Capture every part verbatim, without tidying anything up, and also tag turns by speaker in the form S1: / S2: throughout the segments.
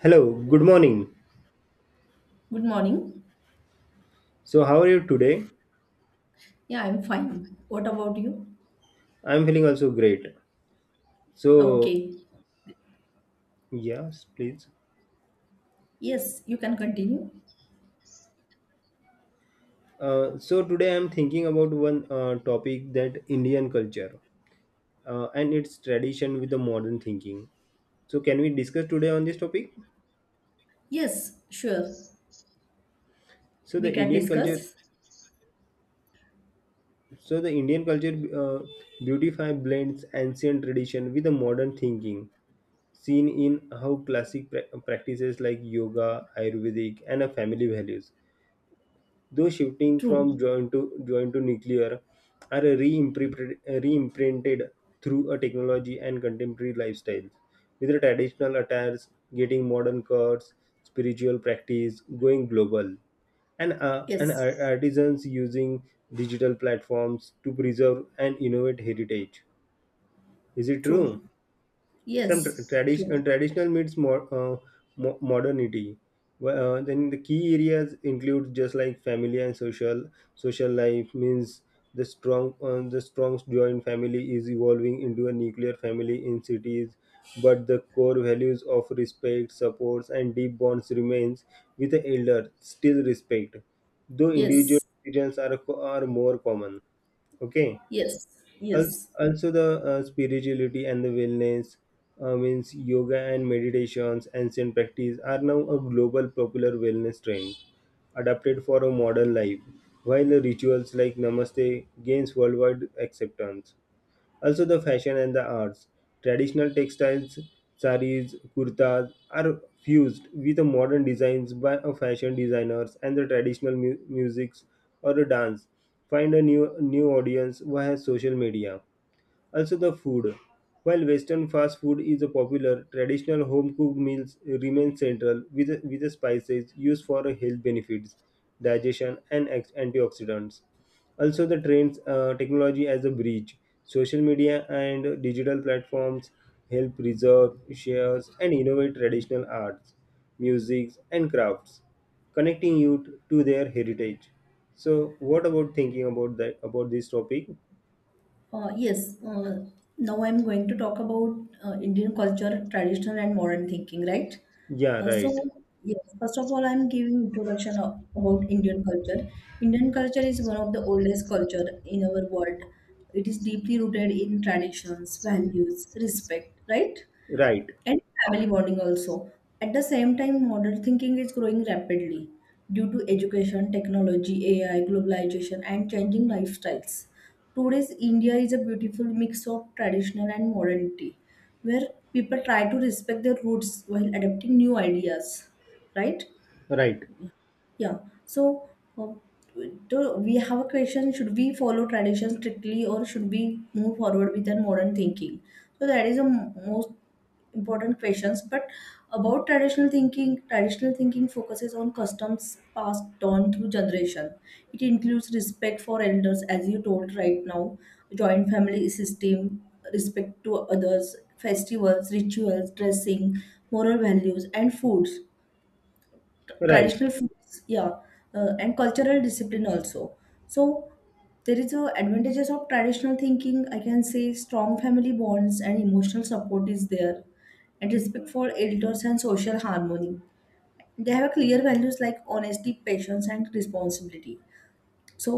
S1: Hello, good morning.
S2: Good morning.
S1: So, how are you today?
S2: Yeah, I'm fine. What about you?
S1: I'm feeling also great. So,
S2: Okay.
S1: yes, please.
S2: Yes, you can continue.
S1: Uh, so, today I'm thinking about one uh, topic that Indian culture uh, and its tradition with the modern thinking. So, can we discuss today on this topic?
S2: Yes, sure.
S1: So, the
S2: We can
S1: Indian culture,
S2: discuss.
S1: so the Indian culture uh, beautify blends ancient tradition with the modern thinking, seen in how classic pra- practices like yoga, Ayurvedic, and a family values. Though shifting
S2: True.
S1: from joint to joint to nuclear are re-imprinted re-imprinted through a technology and contemporary lifestyles, with the traditional attires getting modern cuts, spiritual practice going global, and uh, and
S2: Yes.
S1: ar- artisans using digital platforms to preserve and innovate heritage. Is it
S2: True.
S1: true? Some tra-
S2: Yes.
S1: tradition uh,
S2: True.
S1: traditional meets more uh, mo- modernity. Wh- uh, then the key areas include just like family and social social life means the strong uh, the strong joint family is evolving into a nuclear family in cities, but the core values of respect supports and deep bonds remains, with the elder still respect though individual
S2: Yes.
S1: decisions are co- are more common. Okay.
S2: Yes.
S1: Als-
S2: Yes.
S1: also the uh, spirituality and the wellness uh, means yoga and meditations ancient practice are now a global popular wellness trend adapted for a modern life, while the rituals like namaste gains worldwide acceptance. Also the fashion and the arts, traditional textiles, saris kurtas are fused with the modern designs by a fashion designers, and the traditional mu- musics or the dance find a new new audience via social media. Also, the food. While Western fast food is popular, traditional home cooked meals remain central with, with the spices used for health benefits, digestion, and ex- antioxidants. Also, the trends, uh, technology as a bridge. Social media and digital platforms help preserve, share, and innovate traditional arts, music, and crafts, connecting youth to their heritage. So, what about thinking about that about this topic?
S2: Uh, yes. Uh, now I'm going to talk about uh, Indian culture, traditional and modern thinking, right?
S1: Yeah,
S2: Uh,
S1: right.
S2: so, yes, first of all, I'm giving introduction of, about Indian culture. Indian culture is one of the oldest culture in our world. It is deeply rooted in traditions, values, respect, right?
S1: Right,
S2: And family bonding also. At the same time, modern thinking is growing rapidly due to education, technology, A I, globalization, and changing lifestyles. Today's India is a beautiful mix of traditional and modernity, where people try to respect their roots while adapting new ideas, right?
S1: right,
S2: Yeah. So, um, do we have a question? Should we follow tradition strictly, or should we move forward with a modern thinking? So that is the m- most important questions. But about traditional thinking, traditional thinking focuses on customs passed on through generation. It includes respect for elders, as you told right now, joint family system, respect to others, festivals, rituals, dressing, moral values, and foods,
S1: right.
S2: traditional foods. Yeah. uh, and cultural discipline also. So there is a advantages of traditional thinking. I can say strong family bonds and emotional support is there, and respect for elders and social harmony. They have clear values like honesty, patience, and responsibility. So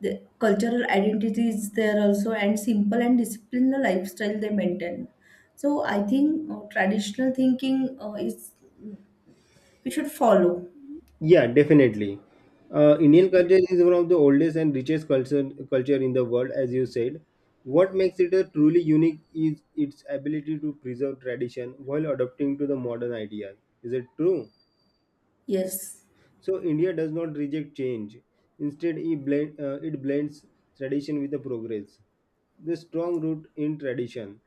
S2: the cultural identity is there also, and simple and disciplined lifestyle they maintain. So I think uh, traditional thinking uh, is we should follow.
S1: Yeah, definitely. Uh, Indian culture is one of the oldest and richest culture culture in the world, as you said. What makes it a truly unique is its ability to preserve tradition while adapting to the modern idea. Is it true?
S2: Yes.
S1: So India does not reject change. Instead, it, blend, uh, it blends tradition with the progress. The strong root in tradition.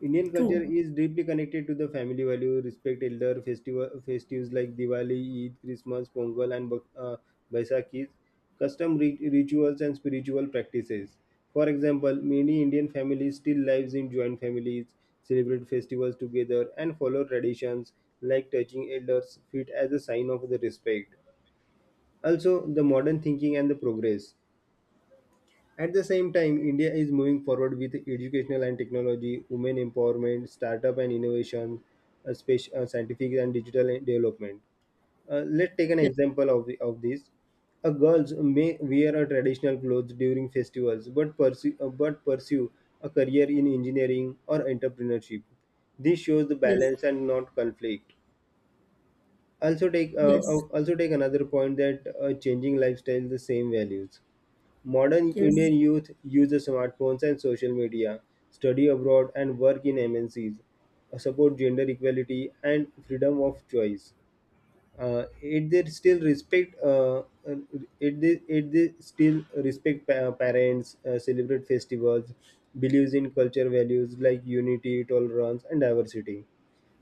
S1: Indian culture
S2: True.
S1: is deeply connected to the family value, respect elder, festival, festives like Diwali, Eid, Christmas, Pongal, and Bak- uh, Baisakhi, custom ri- rituals and spiritual practices. For example, many Indian families still lives in joint families, celebrate festivals together, and follow traditions like touching elders' feet as a sign of the respect. Also, the modern thinking and the progress. At the same time, India is moving forward with educational and technology, women empowerment, startup and innovation, uh, space, uh, scientific and digital development. Uh, let's take an
S2: Yes,
S1: example of, the, of this. A girls may wear a traditional clothes during festivals, but pursue, uh, but pursue a career in engineering or entrepreneurship. This shows the
S2: yes,
S1: balance and not conflict. Also take uh, uh,
S2: yes,
S1: also take another point that uh, changing lifestyle the same values. Modern
S2: yes,
S1: Indian youth uses smartphones and social media, study abroad and work in M N Cs, uh, support gender equality and freedom of choice. Uh, it they still respect uh, uh, it, they, it they still respect pa- parents, uh, celebrate festivals, believes in culture values like unity, tolerance, and diversity.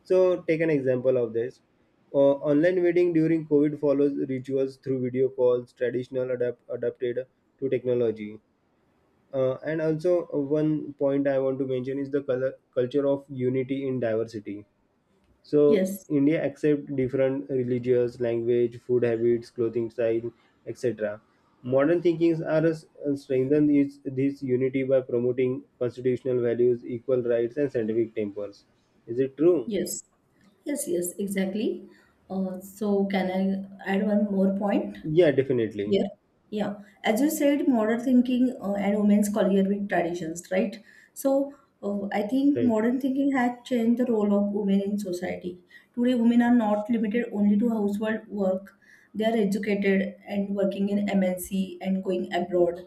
S1: So take an example of this. Uh, online wedding during COVID follows rituals through video calls, traditional adapt- adapted to technology. Uh, and also uh, one point I want to mention is the color, culture of unity in diversity. So
S2: yes,
S1: India accept different religious, language, food habits, clothing style, et cetera. Modern thinkings are uh, strengthened is this unity by promoting constitutional values, equal rights, and scientific tempers. Is it true?
S2: yes, yes, yes, exactly. Uh, so can I add one more point?
S1: Yeah, definitely.
S2: Here, yeah, as you said, modern thinking uh, and women's career with traditions, right? So, uh, I think
S1: Right.
S2: modern thinking has changed the role of women in society. Today, women are not limited only to household work. They are educated and working in M N C and going abroad,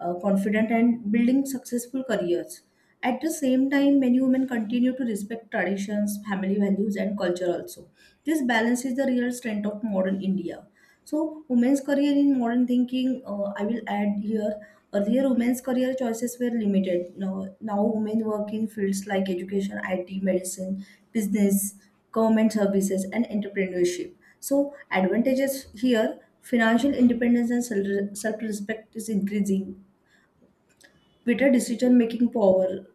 S2: uh, confident and building successful careers. At the same time, many women continue to respect traditions, family values, and culture also. This balance is the real strength of modern India. So, women's career in modern thinking, uh, I will add here. Earlier, women's career choices were limited. Now, now women work in fields like education, I T, medicine, business, government services, and entrepreneurship. So, advantages here: financial independence and self- respect is increasing. Better decision-making power,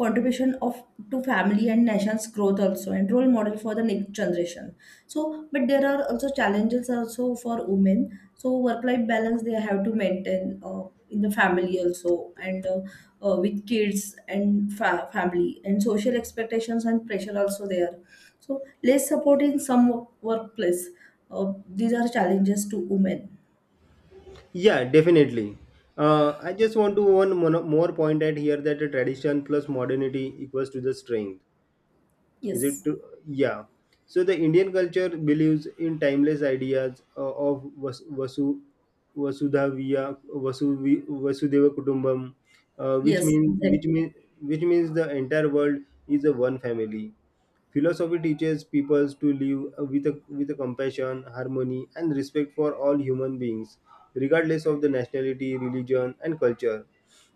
S2: contribution of to family and nation's growth also, and role model for the next generation. So but there are also challenges also for women. So work life balance they have to maintain uh, in the family also, and uh, uh, with kids and fa- family and social expectations and pressure also there. So less support in some wo- workplace. uh, these are challenges to women.
S1: Yeah, definitely. Uh, I just want to one mono- more point at here that the tradition plus modernity equals to the strength. Is it
S2: Yes,
S1: to, yeah, so the Indian culture believes in timeless ideas uh, of vas- vasu vasudhaviya Vasuvi- vasudeva kutumbam uh, which
S2: yes,
S1: means which
S2: exactly.
S1: means which means the entire world is a one family. Philosophy teaches people to live with a, with a compassion, harmony, and respect for all human beings, regardless of the nationality, religion, and culture.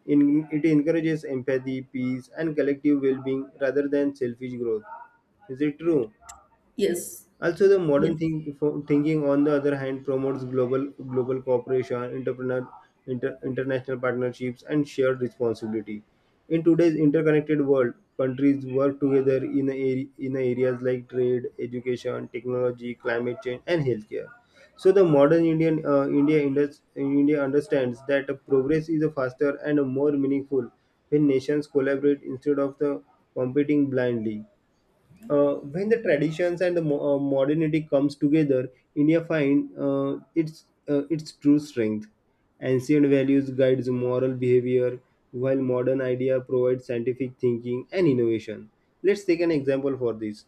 S1: In, it encourages empathy, peace, and collective well-being rather than selfish growth. Is it true?
S2: Yes,
S1: Also, the modern
S2: yes,
S1: think, fo- thinking, on the other hand, promotes global global cooperation, entrepreneur, inter, international partnerships, and shared responsibility. In today's interconnected world, countries work together in a- in areas like trade, education, technology, climate change, and healthcare. So, the modern Indian uh, India indus- India understands that progress is faster and more meaningful when nations collaborate instead of the competing blindly. Uh, when the traditions and the mo- uh, modernity comes together, India find uh, its uh, its true strength. Ancient values guides moral behavior, while modern idea provides scientific thinking and innovation. Let's take an example for this.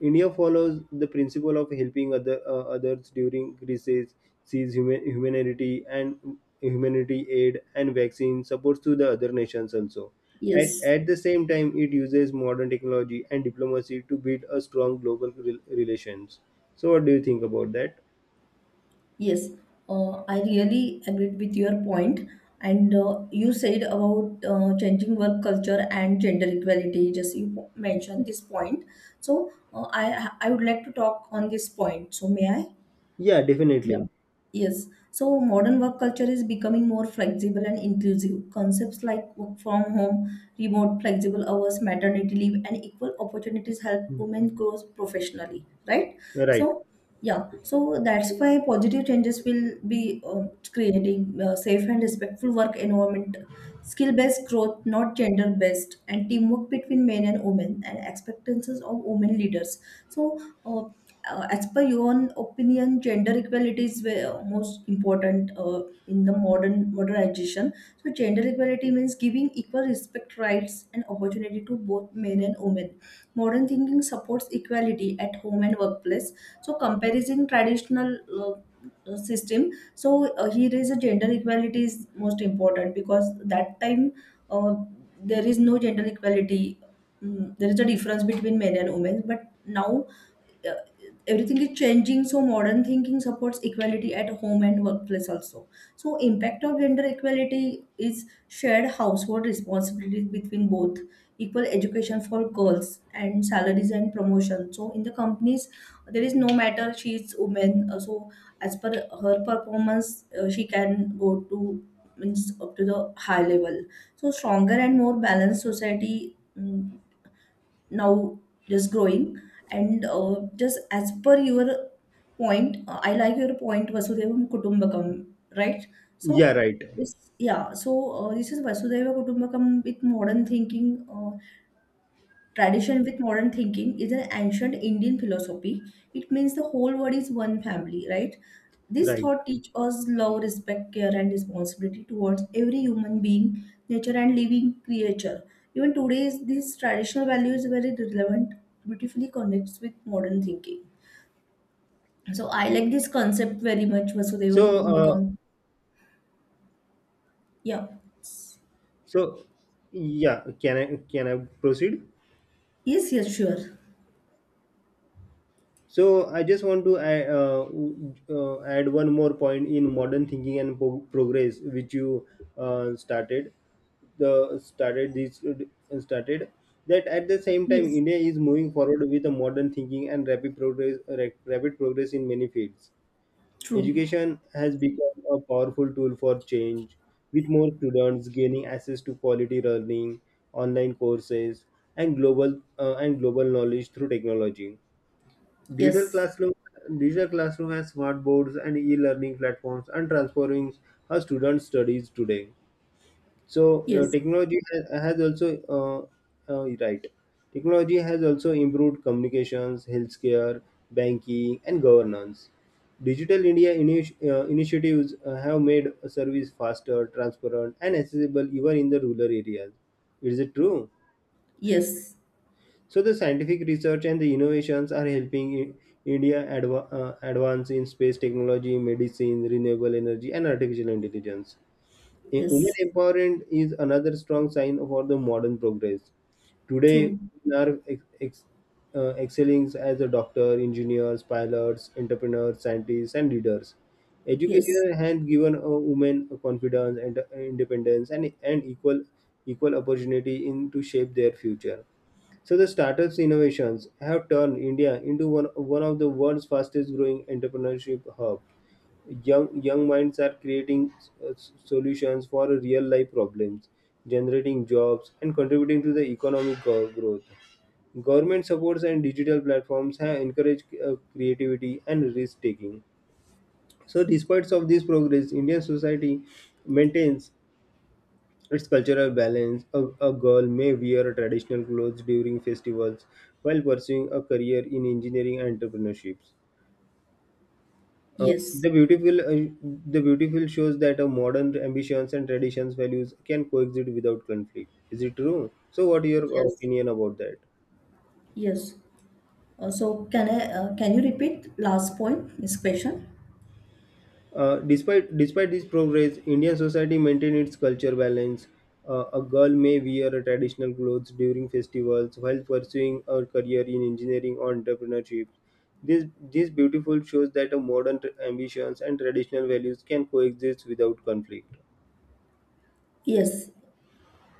S1: India follows the principle of helping other uh, others during crises, sees human, humanity and humanity aid and vaccine supports to the other nations also. At,
S2: yes.
S1: at the same time, it uses modern technology and diplomacy to build a strong global rel relations. So, what do you think about that?
S2: Yes, uh, I really agreed with your point. And uh, you said about uh, changing work culture and gender equality. Just you po- mentioned this point. So uh, I I would like to talk on this point. So may I?
S1: Yeah,
S2: Yeah.
S1: definitely.
S2: Yes, so modern work culture is becoming more flexible and inclusive. Concepts like work from home, remote flexible hours, maternity leave, and equal opportunities help women grow professionally, right?
S1: Right.
S2: So, yeah, so that's why positive changes will be um, creating uh, safe and respectful work environment, skill-based growth, not gender-based, and teamwork between men and women, and expectations of women leaders. So, uh, uh, as per your own opinion, gender equality is ve- most important uh, in the modern modernization. So, gender equality means giving equal respect, rights, and opportunity to both men and women. Modern thinking supports equality at home and workplace. So, comparison traditional. Uh, uh, system so uh, here is a gender equality is most important because that time uh, there is no gender equality. Mm, there is a difference between men and women, but now uh, everything is changing. So modern thinking supports equality at home and workplace also. So impact of gender equality is shared household responsibilities between both, equal education for girls and salaries and promotion. So in the companies, there is no matter she is woman, uh, so as per her performance, uh, she can go to means up to the high level. So stronger and more balanced society. mm, now just growing. And uh, just as per your point, uh, I like your point vasudevam kutumbakam, right. So
S1: Yeah, right.
S2: this. Yeah. So uh, this is vasudeva kutumbakam with modern thinking. Uh, Tradition with modern thinking is an ancient Indian philosophy. It means the whole world is one family, right? This
S1: Right.
S2: thought teaches us love, respect, care, and responsibility towards every human being, nature, and living creature. Even today, is- this traditional value is very relevant, beautifully connects with modern thinking. So I like this concept very much, Vasudeva
S1: So, uh,
S2: Kutumbakam. Yeah.
S1: so yeah, can I can I proceed?
S2: Yes, yes, sure.
S1: So I just want to add, uh, uh, add one more point in modern thinking and po- progress, which you uh, started the started this started that at the same time
S2: Yes.
S1: India is moving forward with a modern thinking and rapid progress ra- rapid progress in many fields.
S2: True.
S1: Education has become a powerful tool for change, with more students gaining access to quality learning, online courses, and global uh, and global knowledge through technology. Digital
S2: Yes.
S1: classroom, digital classroom has smart boards and e-learning platforms and transforming how students studies today. So uh,
S2: Yes.
S1: technology has, has also uh, uh, right. Technology has also improved communications, healthcare, banking, and governance. Digital India initi- uh, initiatives uh, have made service faster, transparent, and accessible even in the rural areas. Is it true?
S2: Yes.
S1: So the scientific research and the innovations are helping in India adva- uh, advance in space technology, medicine, renewable energy, and artificial intelligence. A women
S2: Yes.
S1: empowerment is another strong sign for the modern progress. Today,
S2: True.
S1: women are ex- ex- uh, excelling as a doctor, engineers, pilots, entrepreneurs, scientists, and leaders.
S2: Yes.
S1: Education has given a women confidence and uh, independence and, and equal equal opportunity in to shape their future. So the startups innovations have turned India into one, one of the world's fastest growing entrepreneurship hub. Young young minds are creating uh, s- solutions for real life problems, generating jobs and contributing to the economic go- growth. Government supports and digital platforms have encouraged uh, creativity and risk taking. So despite of this progress, Indian society maintains it's cultural balance. A, a girl may wear traditional clothes during festivals while pursuing a career in engineering and entrepreneurships. Uh,
S2: Yes,
S1: the beautiful, uh, the beautiful shows that a modern ambitions and traditions values can coexist without conflict. Is it true? So, what your
S2: yes,
S1: opinion about that?
S2: yes. Uh, so can I, uh, can you repeat last point, this question?
S1: Uh, despite despite this progress, Indian society maintained its culture balance. Uh, a girl may wear a traditional clothes during festivals while pursuing her career in engineering or entrepreneurship. This this beautiful shows that a modern tr- ambitions and traditional values can coexist without conflict.
S2: Yes,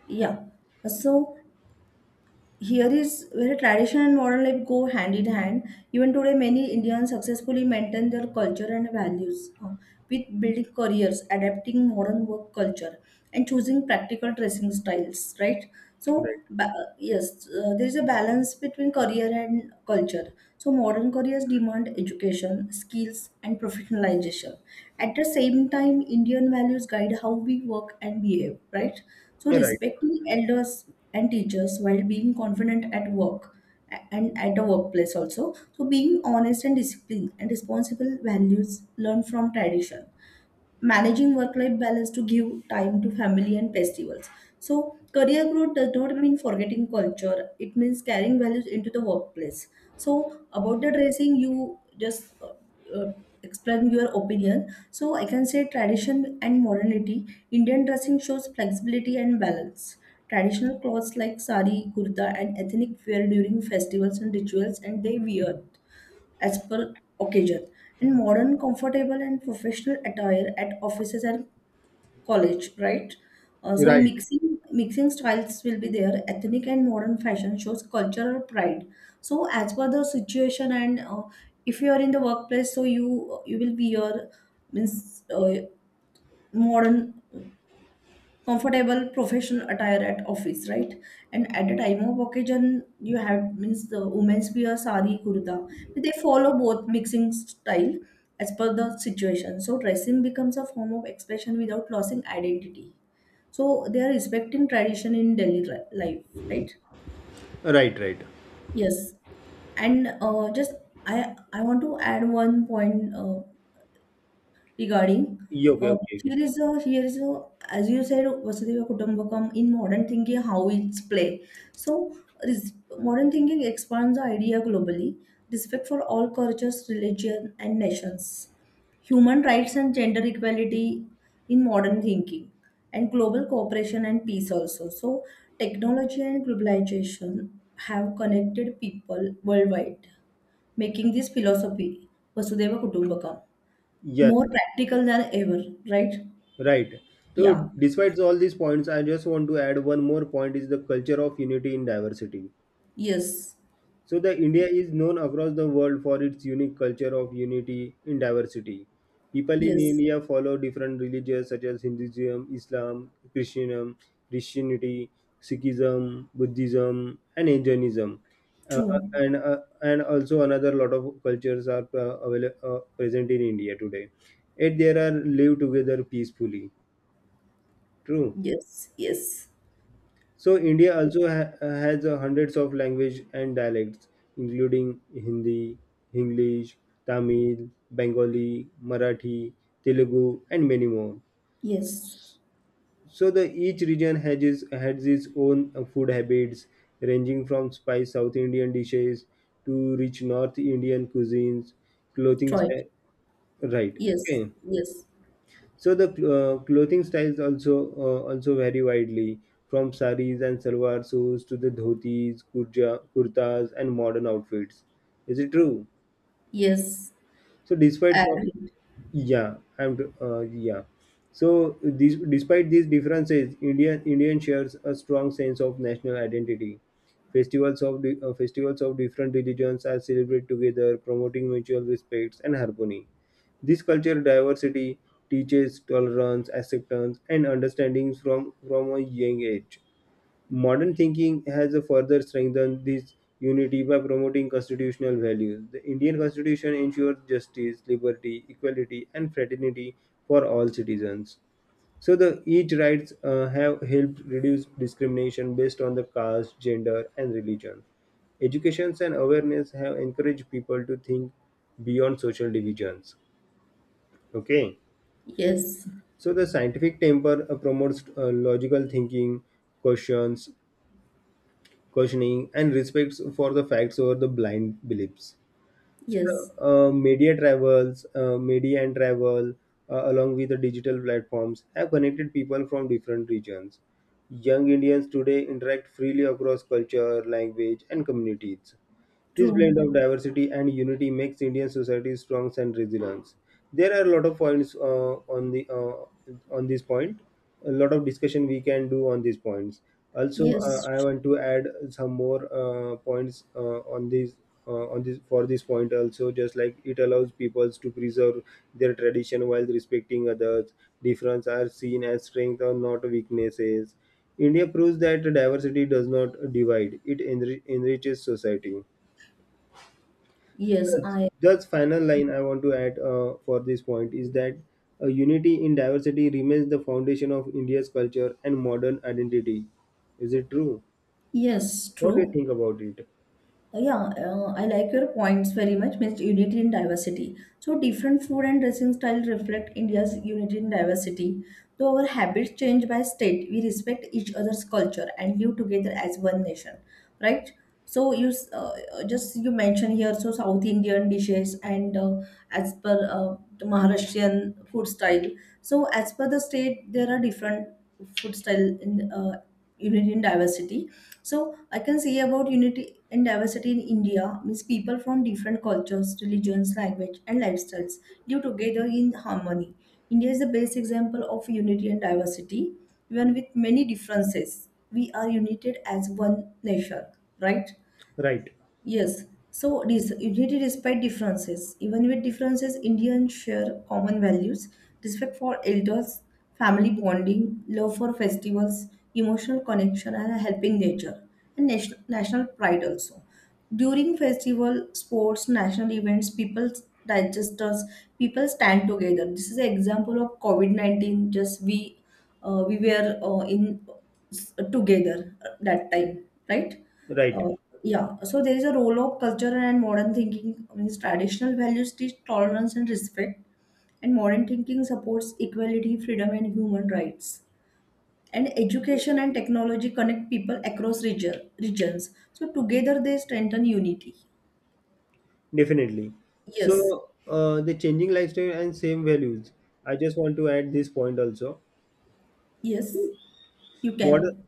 S2: yeah. Uh, so here is where tradition and modern life go hand in hand. Even today, many Indians successfully maintain their culture and values uh, with building careers, adapting modern work culture, and choosing practical dressing styles. Right.
S1: Right,
S2: So ba- uh, yes, uh, there is a balance between career and culture. So modern careers demand education, skills, and professionalization. At the same time, Indian values guide how we work and behave. Right. So
S1: right,
S2: respecting elders and teachers while being confident at work a- and at the workplace also. So being honest and disciplined and responsible values learned from tradition, managing work life balance to give time to family and festivals. So, career growth does not mean forgetting culture, it means carrying values into the workplace. So, about the dressing, you just uh, uh, explain your opinion. So, I can say tradition and modernity. Indian dressing shows flexibility and balance. Traditional clothes like sari, kurta, and ethnic wear during festivals and rituals, and they wear as per occasion. In modern, comfortable, and professional attire at offices and college, right? Uh, so
S1: right,
S2: mixing mixing styles will be there. Ethnic and modern fashion shows cultural pride. So as per the situation and uh, if you are in the workplace, so you you will be your means uh, modern comfortable professional attire at office, right? And at the time of occasion, you have means the women's wear sari, kurta. They follow both mixing style as per the situation. So dressing becomes a form of expression without losing identity. So they are respecting tradition in daily ri- life, right?
S1: right, right.
S2: Yes, and uh, just I I want to add one point uh, regarding
S1: Yeah, okay,
S2: uh,
S1: okay, okay.
S2: here is a here is a as you said Vasudeva Kutumbakam in modern thinking how it's play. So res- modern thinking expands the idea globally, respect for all cultures, religion and nations, human rights and gender equality in modern thinking, and global cooperation and peace also. So technology and globalization have connected people worldwide, making this philosophy Vasudeva Kutumbakam
S1: Yes,
S2: more practical than ever, right?
S1: right. So,
S2: Yeah.
S1: despite all these points, I just want to add one more point: is the culture of unity in diversity.
S2: Yes.
S1: So the India is known across the world for its unique culture of unity in diversity. People in
S2: Yes.
S1: India follow different religions such as Hinduism, Islam, Christianism, Christianity, Sikhism, Buddhism, and Jainism. Uh,
S2: True.
S1: and uh, and also another lot of cultures are uh, avail- uh, present in India today. Yet they are live together peacefully. True.
S2: Yes. Yes.
S1: So India also ha- uh, has uh, hundreds of language and dialects, including Hindi, English, Tamil, Bengali, Marathi, Telugu, and many more.
S2: Yes.
S1: So the each region has its, has its own uh, food habits, ranging from spicy South Indian dishes to rich North Indian cuisines, clothing.
S2: Right.
S1: sta- Right.
S2: Yes.
S1: Okay.
S2: Yes.
S1: So the uh, clothing styles also uh, also vary widely from saris and salwar suits to the dhotis, kurja, kurtas, and modern outfits. Is it true?
S2: Yes.
S1: So despite so-
S2: Agreed.
S1: yeah, I'm. T- Uh, yeah. So these, despite these differences, Indian Indian shares a strong sense of national identity. Festivals of di- uh, festivals of different religions are celebrated together, promoting mutual respects and harmony. This cultural diversity teaches tolerance, acceptance, and understanding from from a young age. Modern thinking has further strengthened this unity by promoting constitutional values. The Indian Constitution ensures justice, liberty, equality, and fraternity for all citizens. So, the each rights uh, have helped reduce discrimination based on the caste, gender, and religion. Educations and awareness have encouraged people to think beyond social divisions. Okay,
S2: Yes.
S1: so the scientific temper uh, promotes uh, logical thinking, questions, questioning, and respects for the facts over the blind beliefs. So,
S2: Yes.
S1: uh, media travels, uh, media and travel, uh, along with the digital platforms, have connected people from different regions. Young Indians today interact freely across culture, language, and communities. This
S2: True.
S1: blend of diversity and unity makes Indian society strong and resilient. There are a lot of points uh, on the uh, on this point. A lot of discussion we can do on these points. Also, uh,
S2: Yes.
S1: I want to add some more uh, points uh, on this uh, on this for this point. Also, just like it allows peoples to preserve their tradition while respecting others. Difference are seen as strength or not weaknesses. India proves that diversity does not divide; it enri- enriches society.
S2: Yes.
S1: just
S2: I.
S1: just final line I want to add uh, for this point is that uh, unity in diversity remains the foundation of India's culture and modern identity. Is it true?
S2: Yes.
S1: What do you
S2: True.
S1: think about it?
S2: Uh, Yeah, uh, I like your points very much. Means unity in diversity. So different food and dressing style reflect India's unity in diversity. Though our habits change by state, we respect each other's culture and live together as one nation. Right? So you s- uh, uh, just you mentioned here so South Indian dishes and uh, as per uh, the Maharashtrian food style. So as per the state, there are different food style in uh, unity in diversity. So I can say about unity and diversity in India means people from different cultures, religions, language, and lifestyles live together in harmony. India is the best example of unity and diversity, even with many differences. We are united as one nation, right?
S1: Right,
S2: Yes, so this unity despite differences. Even with differences, Indians share common values, respect for elders, family bonding, love for festivals, emotional connection, and a helping nature, and nation, national pride also. During festival, sports, national events, people digest us, people stand together. This is an example of COVID nineteen. Just we, uh, we were uh, in together at that time, right?
S1: right.
S2: Uh, yeah, so there is a role of culture and modern thinking. Means traditional values teach tolerance and respect, and modern thinking supports equality, freedom, and human rights. And education and technology connect people across region, regions. So together they strengthen unity.
S1: Definitely.
S2: Yes,
S1: So uh, the changing lifestyle and same values. I just want to add this point also.
S2: yes, you
S1: Modern
S2: can.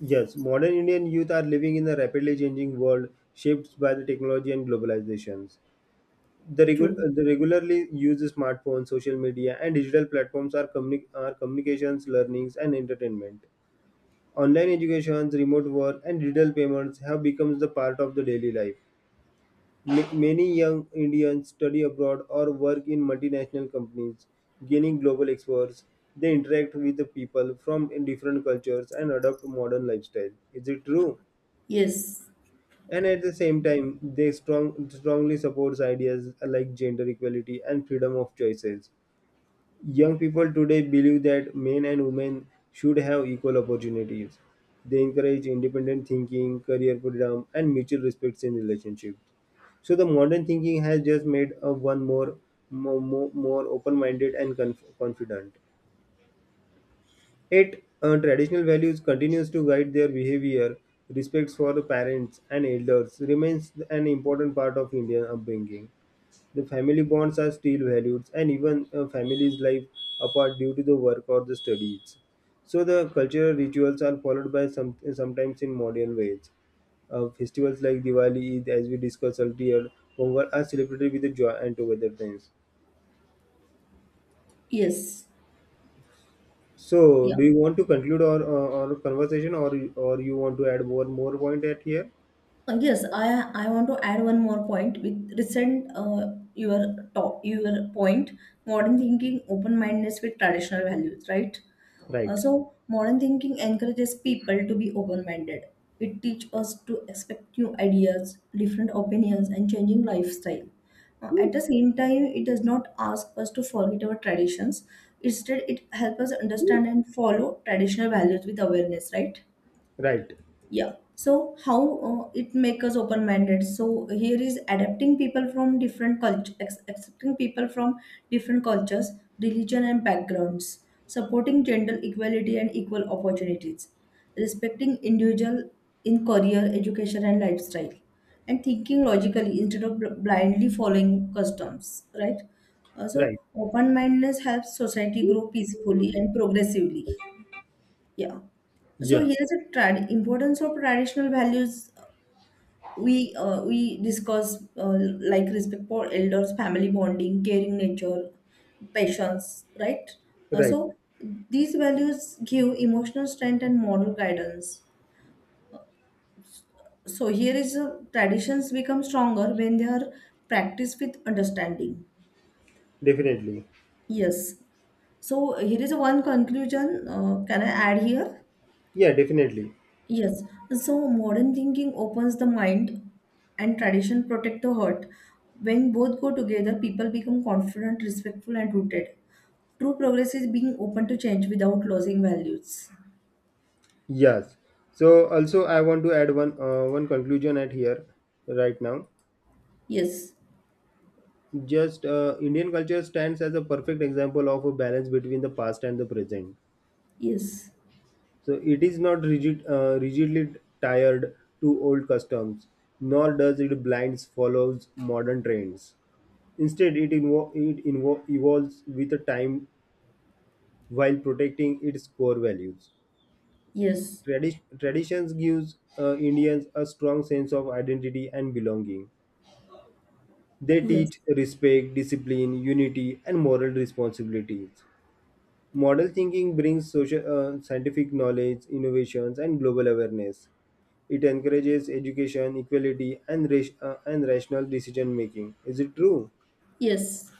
S1: yes, modern Indian youth are living in a rapidly changing world shaped by the technology and globalizations. the,
S2: True.
S1: regu- the regularly use smartphones, social media, and digital platforms are, communi- are communications, learnings, and entertainment. Online educations, remote work, and digital payments have become the part of the daily life. Ma- many young Indians study abroad or work in multinational companies, gaining global experts. They interact with the people from different cultures and adopt modern lifestyle. Is it true?
S2: Yes,
S1: And at the same time they strong, strongly supports ideas like gender equality and freedom of choices. Young people today believe that men and women should have equal opportunities. They encourage independent thinking, career freedom, and mutual respect in relationships. So the modern thinking has just made a one more more, more open-minded and conf- confident. Yet, uh, traditional values continues to guide their behavior. Respect for the parents and elders remains an important part of Indian upbringing. The family bonds are still valued, and even a family's life apart due to the work or the studies. So the cultural rituals are followed by some sometimes in modern ways. Uh, festivals like Diwali, Eid, as we discussed earlier, Pongal are celebrated with the joy and togetherness.
S2: yes,
S1: So,
S2: yeah.
S1: do you want to conclude our, uh, our conversation, or or you want to add one more point at here?
S2: Uh, yes, I I want to add one more point with recent uh, your top your point modern thinking open-mindedness with traditional values, right. uh,
S1: Right,
S2: so modern thinking encourages people to be open-minded. It teaches us to expect new ideas, different opinions, and changing lifestyle. Uh, at the same time, it does not ask us to forget our traditions. Instead, it helps us understand and follow traditional values with awareness, right.
S1: right,
S2: Yeah, so how uh, it make us open minded. So here is adapting people from different culture, accepting people from different cultures, religion and backgrounds, supporting gender equality and equal opportunities, respecting individual in career, education, and lifestyle, and thinking logically instead of bl- blindly following customs, right. Uh, so,
S1: right.
S2: open mindedness helps society grow peacefully and progressively. Yeah. So
S1: Yeah,
S2: here's the trad- importance of traditional values we uh, we discuss uh, like respect for elders, family bonding, caring nature, patience, right? Uh,
S1: right.
S2: so these values give emotional strength and moral guidance. So here is uh, traditions become stronger when they are practiced with understanding.
S1: Definitely.
S2: Yes. So here is one conclusion. Uh, can I add here?
S1: Yeah, definitely.
S2: Yes, so modern thinking opens the mind and tradition protect the heart. When both go together, people become confident, respectful, and rooted. True progress is being open to change without losing values.
S1: Yes. So, also, I want to add one uh, one conclusion at here right now.
S2: Yes,
S1: Just uh, Indian culture stands as a perfect example of a balance between the past and the present.
S2: yes,
S1: So it is not rigid, uh, rigidly tied to old customs, nor does it blinds follows modern trends. Instead, it, invo- it invo- evolves with the time while protecting its core values.
S2: yes,
S1: Tradi- traditions gives uh, Indians a strong sense of identity and belonging. They
S2: yes,
S1: teach respect, discipline, unity, and moral responsibilities. Model thinking brings social, uh, scientific knowledge, innovations, and global awareness. It encourages education, equality, and ra- uh, and rational decision making. Is it true?
S2: yes,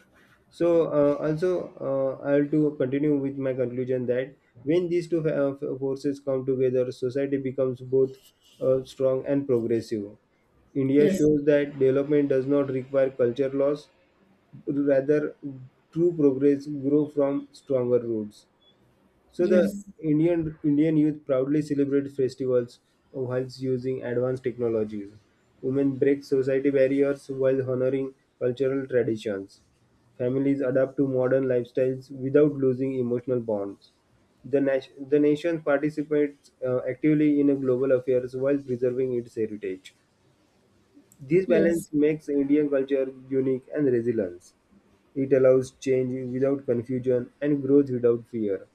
S1: So uh, also, uh, I'll to continue with my conclusion that when these two uh, f- forces come together, society becomes both uh, strong and progressive. India
S2: yes,
S1: shows that development does not require culture loss, rather, true progress grows from stronger roots. So the
S2: yes,
S1: Indian Indian youth proudly celebrate festivals whilst using advanced technologies. Women break society barriers while honoring cultural traditions. Families adapt to modern lifestyles without losing emotional bonds. The, nation the nation participates uh, actively in global affairs while preserving its heritage. This
S2: yes,
S1: balance makes Indian culture unique and resilient. It allows change without confusion and growth without fear.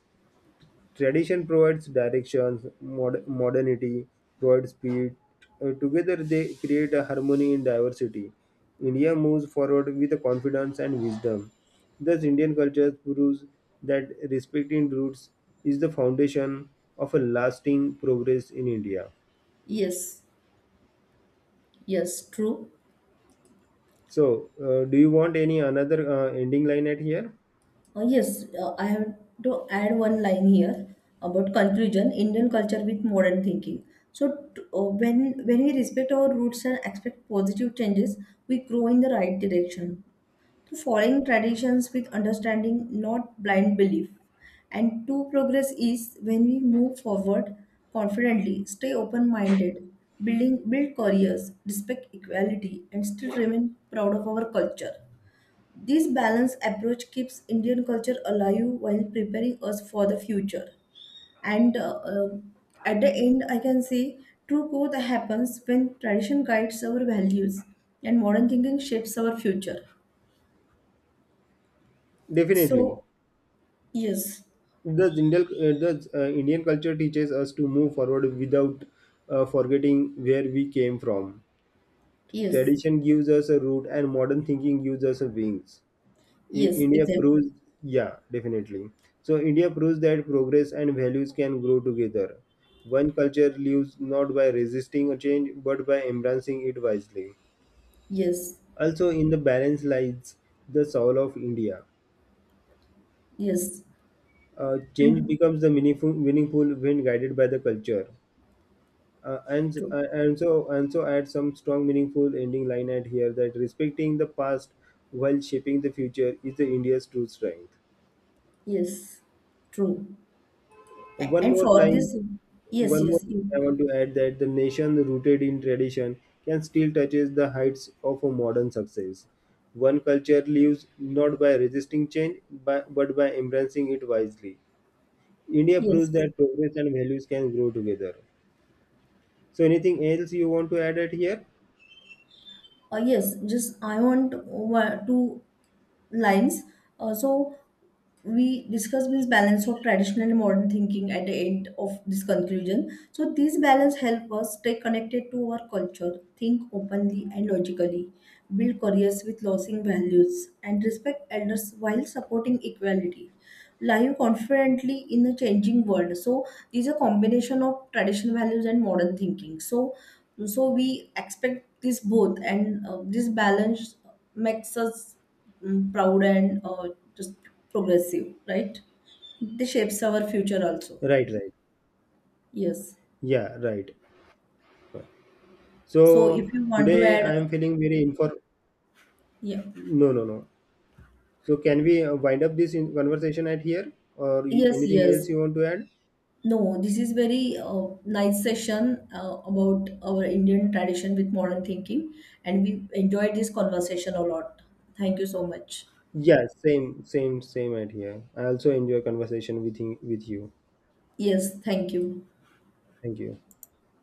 S1: Tradition provides directions, mod- modernity provides speed. Uh, together, they create a harmony in diversity. India moves forward with confidence and wisdom. Thus, Indian culture proves that respecting roots is the foundation of a lasting progress in India.
S2: yes, yes, true.
S1: So, uh, do you want any another uh, ending line at here?
S2: Uh, yes, uh, I have to add one line here about conclusion Indian culture with modern thinking. So, t- uh, when when we respect our roots and expect positive changes, we grow in the right direction. To following traditions with understanding, not blind belief, and to progress is when we move forward confidently, stay open-minded, building build careers, respect equality, and still remain proud of our culture. This balanced approach keeps Indian culture alive while preparing us for the future. And uh, um, at the end, I can say true growth happens when tradition guides our values and modern thinking shapes our future.
S1: Definitely.
S2: So, yes,
S1: Thus, Indian, uh, thus, uh, Indian culture teaches us to move forward without uh, forgetting where we came from.
S2: yes,
S1: Tradition gives us a root, and modern thinking gives us a wings. I-
S2: yes,
S1: India
S2: exactly.
S1: proves, yeah, definitely. So India proves that progress and values can grow together. One culture lives not by resisting a change, but by embracing it wisely.
S2: Yes,
S1: Also, in the balance lies the soul of India.
S2: yes,
S1: Uh, change
S2: and
S1: becomes the meaningful, meaningful when guided by the culture. uh, and
S2: true.
S1: uh, and so and so add some strong meaningful ending line at here that respecting the past while shaping the future is the india's true strength.
S2: Yes, true. A-
S1: One
S2: And
S1: more
S2: for
S1: line,
S2: this, yes,
S1: one more
S2: yes, you,
S1: I want to add that the nation rooted in tradition can still touches the heights of a modern success. One culture lives not by resisting change but, but by embracing it wisely. India proves
S2: yes.
S1: that progress and values can grow together. So anything else you want to add at here?
S2: Uh, yes, just I want one- two lines. Uh, so we discuss means balance of traditional and modern thinking at the end of this conclusion. So these balance help us stay connected to our culture, think openly and logically, build careers with losing values and respect elders while supporting equality, live confidently in a changing world. So these are combination of traditional values and modern thinking. So so we expect this both, and uh, this balance makes us mm, proud, and uh, just progressive, right? This shapes our future also.
S1: Right, right,
S2: Yes.
S1: yeah, right.
S2: So
S1: So
S2: if you want to
S1: today
S2: add,
S1: I am feeling very inform.
S2: yeah,
S1: No, no, no. So can we uh, wind up this in conversation at here, or y-
S2: yes,
S1: anything else
S2: yes.
S1: you want to add?
S2: No, this is very uh, nice session uh, about our Indian tradition with modern thinking, and we enjoyed this conversation a lot. Thank you so much.
S1: Yes, same, same, same at here. I also enjoy conversation with you- with you.
S2: Yes, thank you.
S1: Thank you.